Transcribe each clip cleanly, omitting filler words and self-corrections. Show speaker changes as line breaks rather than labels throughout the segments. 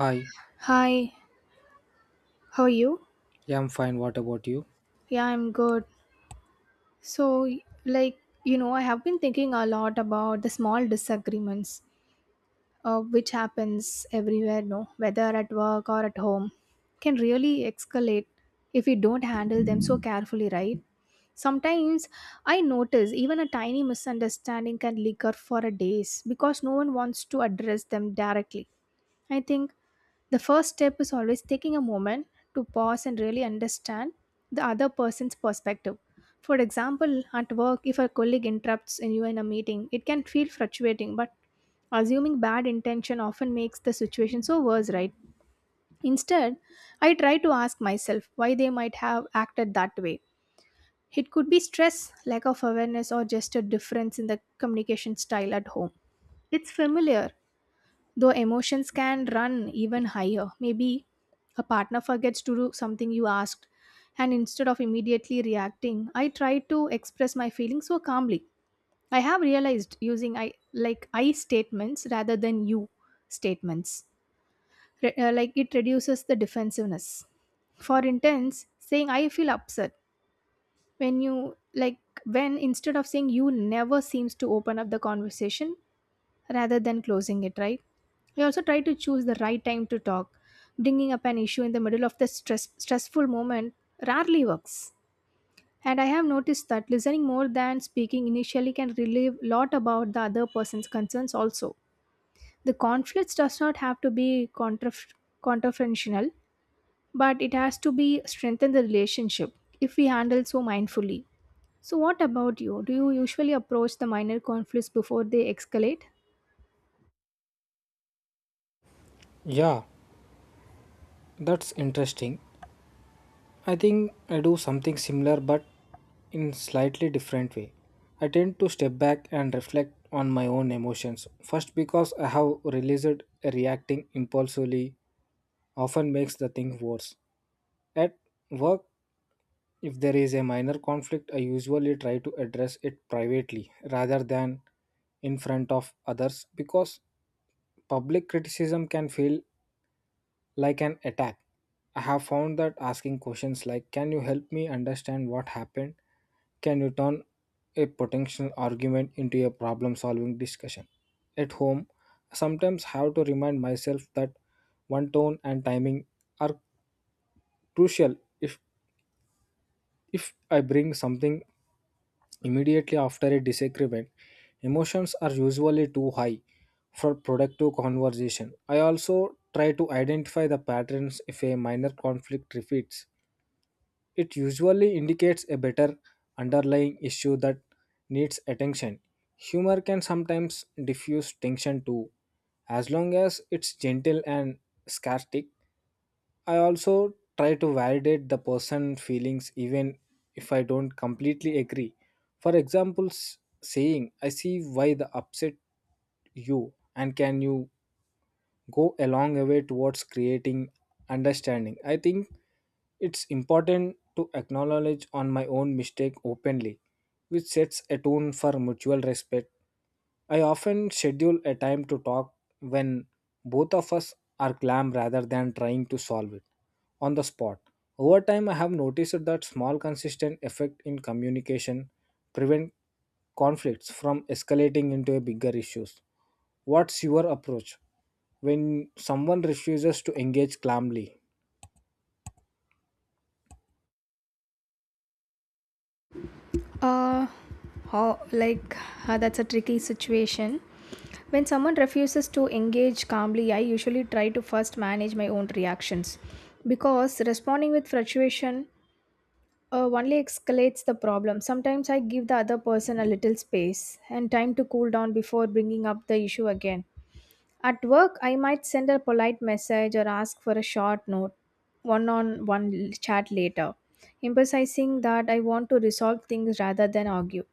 Hi,
Hi, how are you?
yeah, I'm fine. What about you?
Yeah, I'm good. So, like, I have been thinking a lot about the small disagreements, which happens everywhere, no, whether at work or at home, can really escalate if we don't handle them so carefully, right? Sometimes I notice even a tiny misunderstanding can linger for a days because no one wants to address them directly. I think the first step is always taking a moment to pause and really understand the other person's perspective. For example, at work, if a colleague interrupts you in a meeting, it can feel frustrating, but assuming bad intention often makes the situation so worse, right? Instead, I try to ask myself why they might have acted that way. It could be stress, lack of awareness, or just a difference in the communication style at home. It's familiar, though emotions can run even higher, maybe a partner forgets to do something you asked, and instead of immediately reacting, I try to express my feelings so calmly. I have realized using I statements rather than you statements. Like it reduces the defensiveness. For instance, saying I feel upset when you like when instead of saying you never seems to open up the conversation rather than closing it, right? We also try to choose the right time to talk. Bringing up an issue in the middle of the stressful moment rarely works. And I have noticed that listening more than speaking initially can relieve a lot about the other person's concerns also. The conflicts does not have to be confrontational, but it has to be strengthen the relationship if we handle so mindfully. So what about you? Do you usually approach the minor conflicts before they escalate?
Yeah, that's interesting. I think I do something similar but in slightly different way. I tend to step back and reflect on my own emotions first, because I have realized reacting impulsively often makes the thing worse. At work, if there is a minor conflict, I usually try to address it privately rather than in front of others, because public criticism can feel like an attack. I have found that asking questions like, can you help me understand what happened, can you turn a potential argument into a problem solving discussion. At home, I sometimes have to remind myself that one tone and timing are crucial. If if I bring something immediately after a disagreement, emotions are usually too high for productive conversation. I also try to identify the patterns if a minor conflict repeats. It usually indicates a better underlying issue that needs attention. Humor can sometimes diffuse tension too, as long as it's gentle and sarcastic. I also try to validate the person's feelings even if I don't completely agree. For example, saying, I see why the upset you and can you go a long way towards creating understanding. I think it's important to acknowledge on my own mistake openly, which sets a tone for mutual respect. I often schedule a time to talk when both of us are calm rather than trying to solve it on the spot. Over time, I have noticed that small, consistent effect in communication prevent conflicts from escalating into a bigger issues. What's your approach when someone refuses to engage calmly?
Uh, how like That's a tricky situation. When someone refuses to engage calmly, I usually try to first manage my own reactions because responding with frustration only escalates the problem. Sometimes I give the other person a little space and time to cool down before bringing up the issue again. At work, I might send a polite message or ask for a short note, one on one chat later, emphasizing that I want to resolve things rather than argue.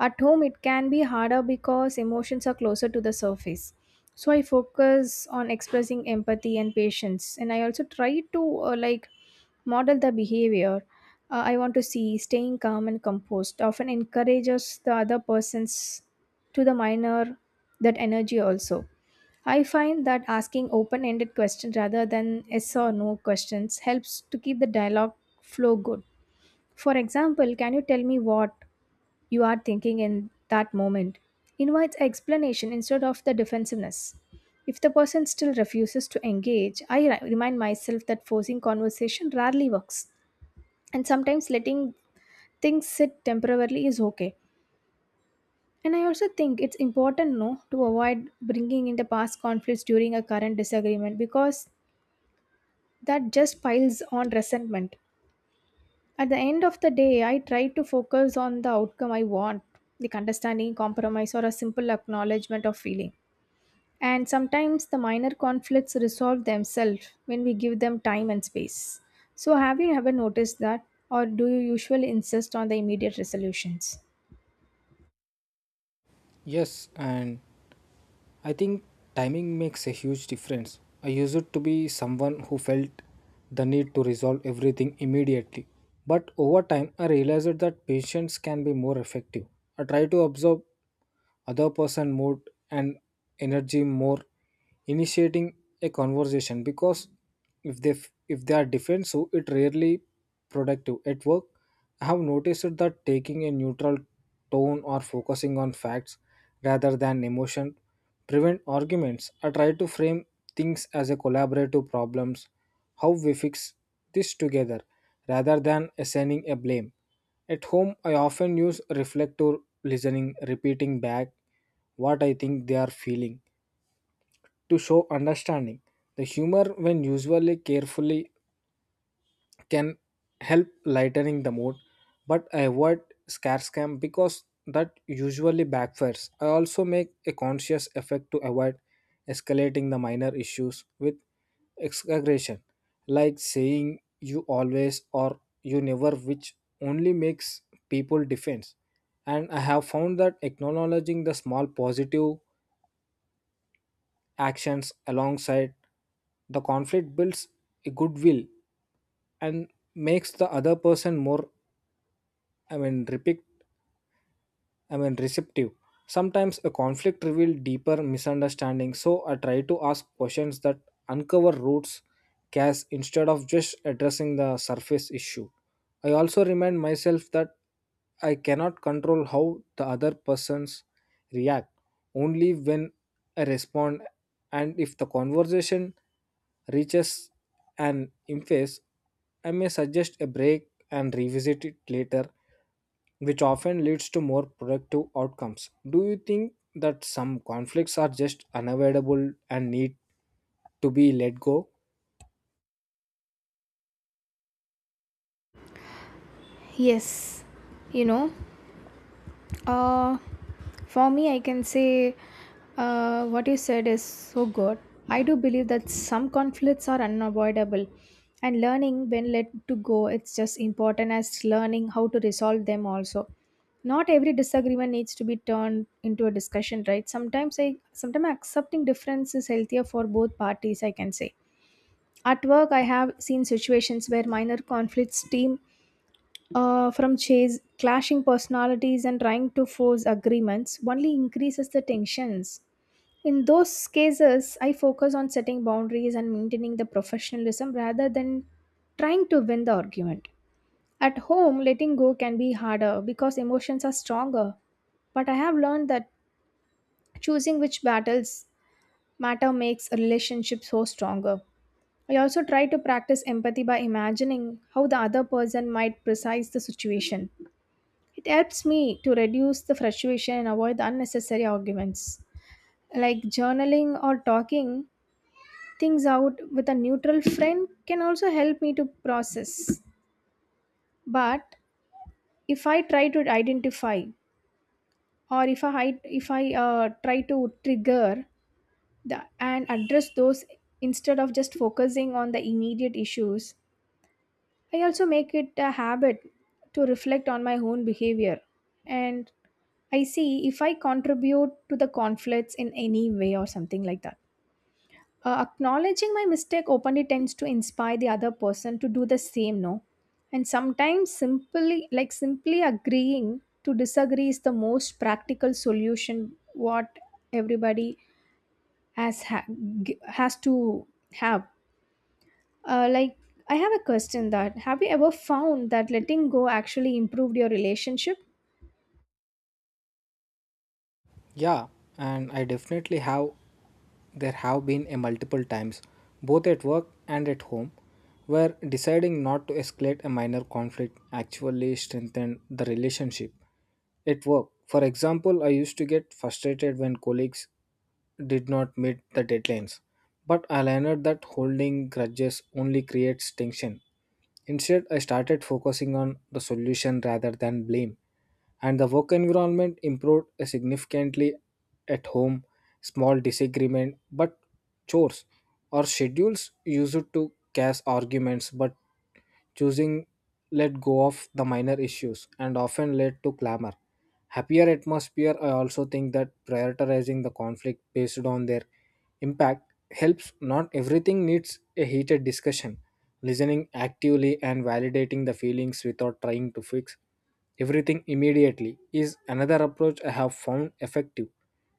At home, it can be harder because emotions are closer to the surface. So I focus on expressing empathy and patience, and I also try to model the behavior I want to see. Staying calm and composed often encourages the other persons to the minor that energy also. I find that asking open ended questions rather than yes or no questions helps to keep the dialogue flow good. For example, can you tell me what you are thinking in that moment? Invites explanation instead of the defensiveness. If the person still refuses to engage, remind myself that forcing conversation rarely works, and sometimes letting things sit temporarily is okay. And I also think it's important no to avoid bringing in the past conflicts during a current disagreement because that just piles on resentment. At the end of the day, I try to focus on the outcome I want like understanding, compromise, or a simple acknowledgement of feeling. And sometimes the minor conflicts resolve themselves when we give them time and space. So, have you ever noticed that, or do you usually insist on the immediate resolutions?
Yes, and I think timing makes a huge difference. I used to be someone who felt the need to resolve everything immediately. But over time, I realized that patience can be more effective. I try to observe other person mood and energy more initiating a conversation because if they if they are different so it rarely productive. At work, I have noticed that taking a neutral tone or focusing on facts rather than emotion prevent arguments. I try to frame things as a collaborative problems, how we fix this together rather than assigning a blame. At home, I often use reflective listening, repeating back what I think they are feeling to show understanding. The humor, when usually carefully, can help lightening the mood, but I avoid scare scam because that usually backfires. I also make a conscious effort to avoid escalating the minor issues with exaggeration, like saying you always or you never, which only makes people defense. And I have found that acknowledging the small positive actions alongside the conflict builds a goodwill and makes the other person more I mean, repic- I mean, receptive. Sometimes a conflict reveals deeper misunderstanding, so I try to ask questions that uncover roots cause instead of just addressing the surface issue. I also remind myself that I cannot control how the other persons react, only when I respond, and if the conversation reaches an impasse, I may suggest a break and revisit it later, which often leads to more productive outcomes. Do you think that some conflicts are just unavoidable and need to be let go?
Yes, you know, Uh, for me, I can say what you said is so good. I do believe that some conflicts are unavoidable, and learning when let to go, it's just important as learning how to resolve them also. Not every disagreement needs to be turned into a discussion, right? Sometimes accepting difference is healthier for both parties, I can say. At work, I have seen situations where minor conflicts team from chase clashing personalities and trying to force agreements only increases the tensions. In those cases I focus on setting boundaries and maintaining the professionalism rather than trying to win the argument. At home letting go can be harder because emotions are stronger, but I have learned that choosing which battles matter makes a relationship so stronger. I also try to practice empathy by imagining how the other person might precise the situation. It helps me to reduce the frustration and avoid the unnecessary arguments. Like journaling or talking things out with a neutral friend can also help me to process. But if I try to identify or if I try to trigger the, and address those instead of just focusing on the immediate issues, I also make it a habit to reflect on my own behavior and I see if I contribute to the conflicts in any way or something like that. Acknowledging my mistake openly tends to inspire the other person to do the same, no? And sometimes simply agreeing to disagree is the most practical solution what everybody has ha- has to have uh, like, I have a question that have you ever found that letting go actually improved your relationship?
Yeah, and I definitely have. There have been a multiple times, both at work and at home, where deciding not to escalate a minor conflict actually strengthened the relationship. At work, for example, I used to get frustrated when colleagues did not meet the deadlines, but I learned that holding grudges only creates tension. Instead, I started focusing on the solution rather than blame, and the work environment improved significantly. At home, small disagreement but chores or schedules used to cause arguments, but choosing let go of the minor issues and often led to clamor happier atmosphere. I also think that prioritizing the conflict based on their impact helps. Not everything needs a heated discussion. Listening actively and validating the feelings without trying to fix everything immediately is another approach I have found effective.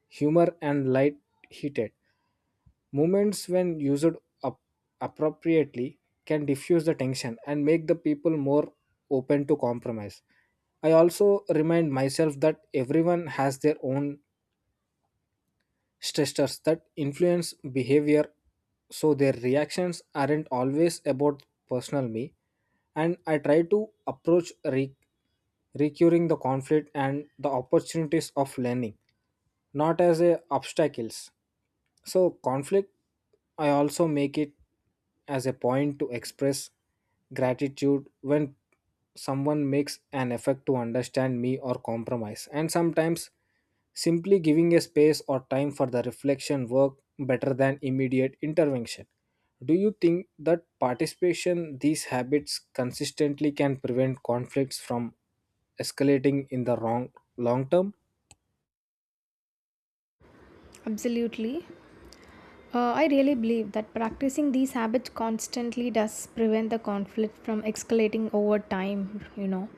Humor and light heated moments, when used up appropriately, can diffuse the tension and make the people more open to compromise. I also remind myself that everyone has their own stressors that influence behavior, so their reactions aren't always about personal me. And I try to approach recurring the conflict and the opportunities of learning, not as a obstacles. So conflict, I also make it as a point to express gratitude when someone makes an effort to understand me or compromise. And sometimes simply giving a space or time for the reflection work better than immediate intervention. Do you think that participation these habits consistently can prevent conflicts from escalating in the wrong long term?
Absolutely. I really believe that practicing these habits constantly does prevent the conflict from escalating over time, you know.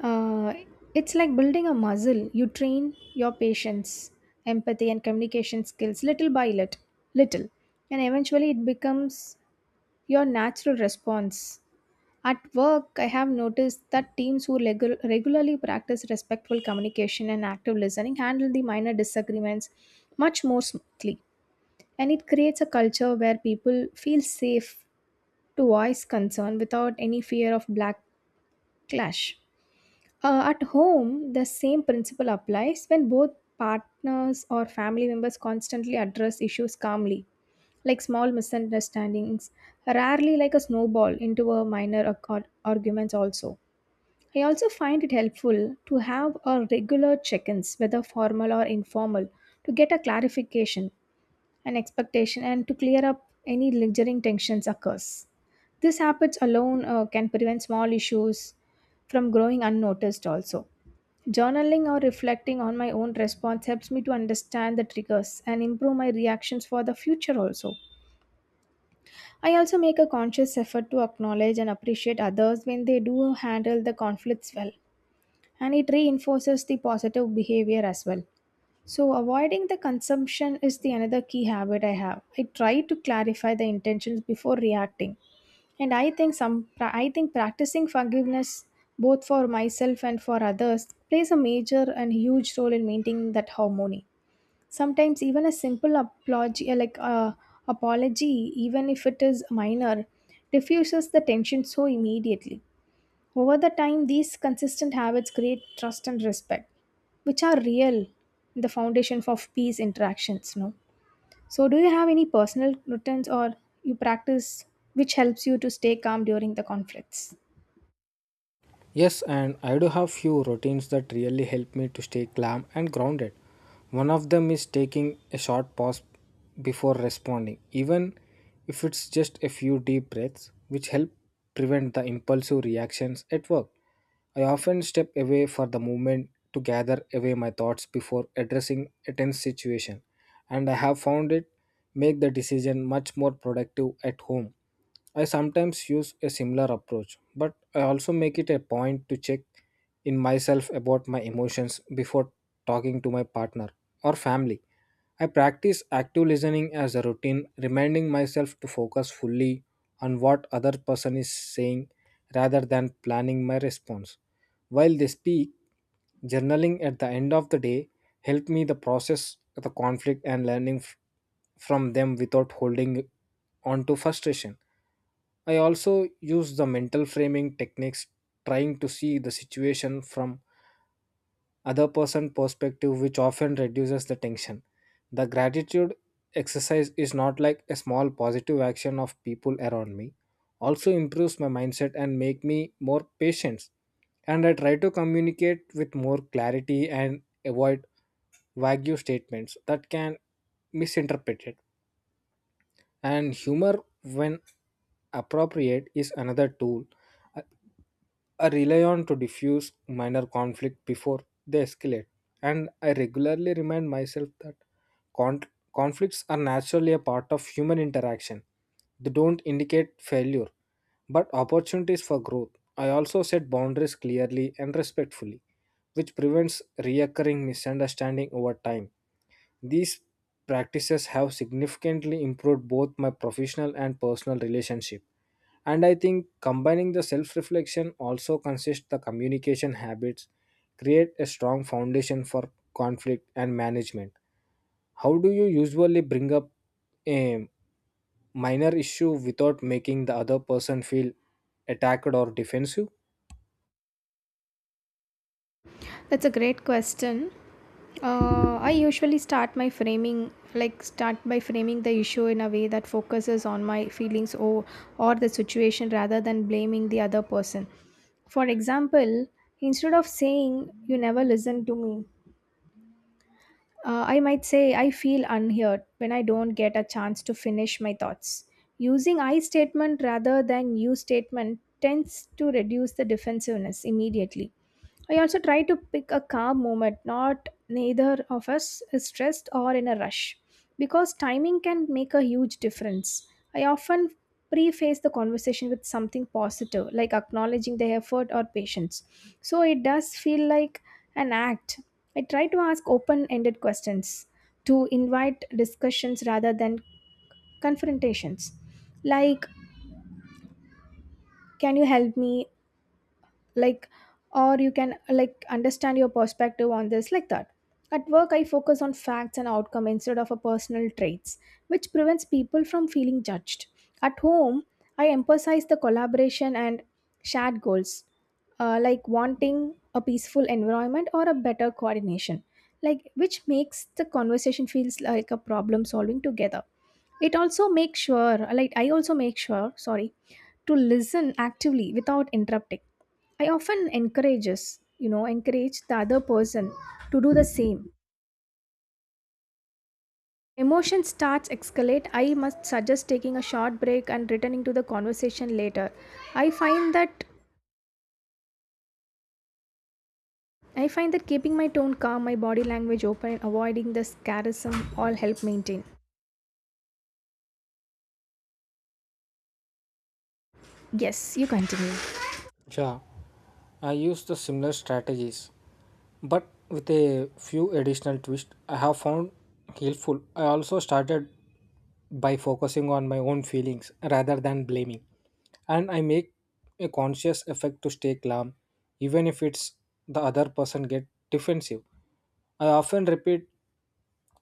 Uh, it's like building a muscle. You train your patience, empathy, and communication skills little and eventually it becomes your natural response. At work, I have noticed that teams who regularly practice respectful communication and active listening handle the minor disagreements much more smoothly. And it creates a culture where people feel safe to voice concern without any fear of black clash. At home, the same principle applies when both partners or family members constantly address issues calmly like small misunderstandings, rarely like a snowball into a minor arguments also. I also find it helpful to have a regular check-ins, whether formal or informal, to get a clarification and expectation and to clear up any lingering tensions occurs. These habits alone can prevent small issues from growing unnoticed also. Journaling or reflecting on my own response helps me to understand the triggers and improve my reactions for the future also. I also make a conscious effort to acknowledge and appreciate others when they do handle the conflicts well, and it reinforces the positive behavior as well. So, avoiding the consumption is the another key habit I have. I try to clarify the intentions before reacting, and I think practicing forgiveness both for myself and for others plays a major and huge role in maintaining that harmony. Sometimes even a simple apology, like apology, even if it is minor, diffuses the tension so immediately. Over the time, these consistent habits create trust and respect, which are real, the foundation for peace interactions. No, so do you have any personal routines or you practice which helps you to stay calm during the conflicts?
Yes, and I do have few routines that really help me to stay calm and grounded. One of them is taking a short pause before responding, even if it's just a few deep breaths, which help prevent the impulsive reactions. At work, I often step away for the moment to gather away my thoughts before addressing a tense situation, and I have found it make the decision much more productive. At home, I sometimes use a similar approach, but I also make it a point to check in myself about my emotions before talking to my partner or family. I practice active listening as a routine, reminding myself to focus fully on what other person is saying rather than planning my response while they speak. Journaling at the end of the day helped me the process the conflict and learning from them without holding on to frustration. I also use the mental framing techniques, trying to see the situation from other person perspective, which often reduces the tension. The gratitude exercise is not like a small positive action of people around me, also improves my mindset and make me more patient. And I try to communicate with more clarity and avoid vague statements that can misinterpreted. And humor, when appropriate, is another tool I rely on to diffuse minor conflict before they escalate, and I regularly remind myself that con- conflicts are naturally a part of human interaction. They don't indicate failure, but opportunities for growth. I also set boundaries clearly and respectfully, which prevents reoccurring misunderstanding over time. These practices have significantly improved both my professional and personal relationship. And I think combining the self reflection also consists the communication habits, create a strong foundation for conflict and management. How do you usually bring up a minor issue without making the other person feel attacked or defensive?
That's a great question. I usually start by framing the issue in a way that focuses on my feelings or the situation rather than blaming the other person. For example, instead of saying, you never listen to me, I might say, I feel unheard when I don't get a chance to finish my thoughts. Using I statement rather than you statement tends to reduce the defensiveness immediately. I also try to pick a calm moment, not neither of us is stressed or in a rush, because timing can make a huge difference. I often preface the conversation with something positive, like acknowledging their effort or patience. So it does feel like an act. I try to ask open ended questions to invite discussions rather than confrontations, like, can you help me? Like or you can like understand your perspective on this like that. At work I focus on facts and outcome instead of a personal traits, which prevents people from feeling judged. At home I emphasize the collaboration and shared goals, like wanting a peaceful environment or a better coordination, like which makes the conversation feels like a problem solving together. It also makes sure like I also make sure, sorry, to listen actively without interrupting. I often encourages, you know, encourage the other person to do the same. Emotion starts escalate. I must suggest taking a short break and returning to the conversation later. I find that I find that keeping my tone calm, my body language open, and avoiding the sarcasm all help maintain. Yes, you continue.
Yeah. I used the similar strategies, but with a few additional twists I have found helpful. I also started by focusing on my own feelings rather than blaming, and I make a conscious effort to stay calm, even if it's the other person get defensive. I often repeat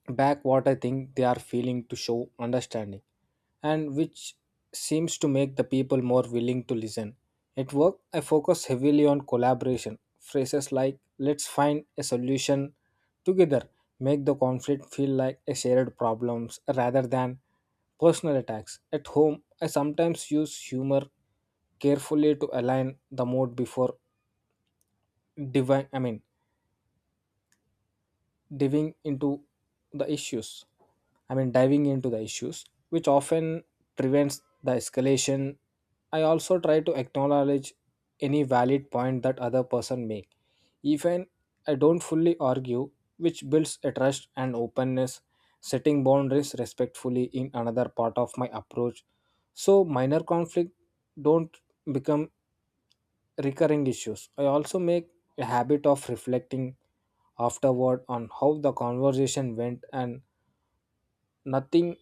back what I think they are feeling to show understanding, and which seems to make the people more willing to listen. At work, I focus heavily on collaboration. Phrases like, let's find a solution together, make the conflict feel like a shared problems rather than personal attacks. At home, I sometimes use humor carefully to align the mood before divine I mean diving into the issues, I mean, diving into the issues, which often prevents the escalation. I also try to acknowledge any valid point that other person make, even I don't fully argue, which builds a trust and openness. Setting boundaries respectfully in another part of my approach, so minor conflict don't become recurring issues. I also make a habit of reflecting afterward on how the conversation went and nothing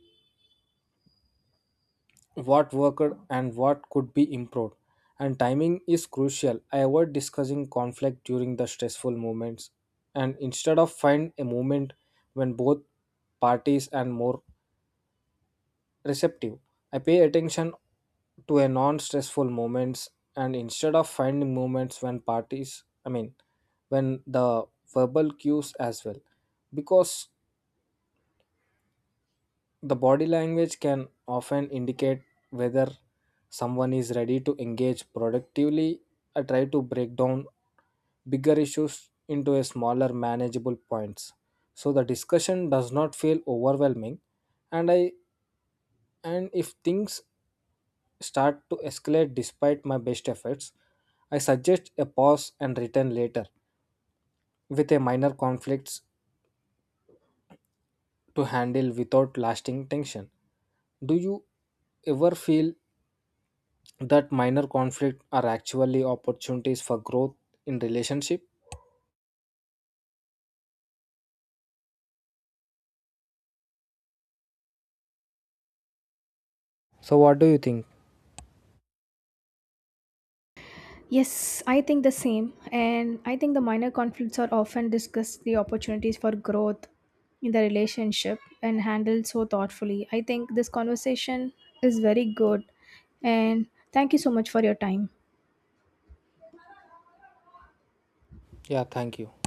what worked and what could be improved. And timing is crucial. I avoid discussing conflict during the stressful moments and instead of find a moment when both parties and more receptive. I pay attention to a non-stressful moments and instead of finding moments when parties, I mean, when the verbal cues as well, because the body language can often indicate whether someone is ready to engage productively. I try to break down bigger issues into a smaller manageable points so the discussion does not feel overwhelming. And I and if things start to escalate despite my best efforts, I suggest a pause and return later with a minor conflicts to handle without lasting tension. Do you ever feel that minor conflict are actually opportunities for growth in relationship? So what do you think?
Yes, I think the same. And I think the minor conflicts are often discussed the opportunities for growth in the relationship and handled so thoughtfully. I think this conversation is very good. And thank you so much for your time.
Yeah, thank you.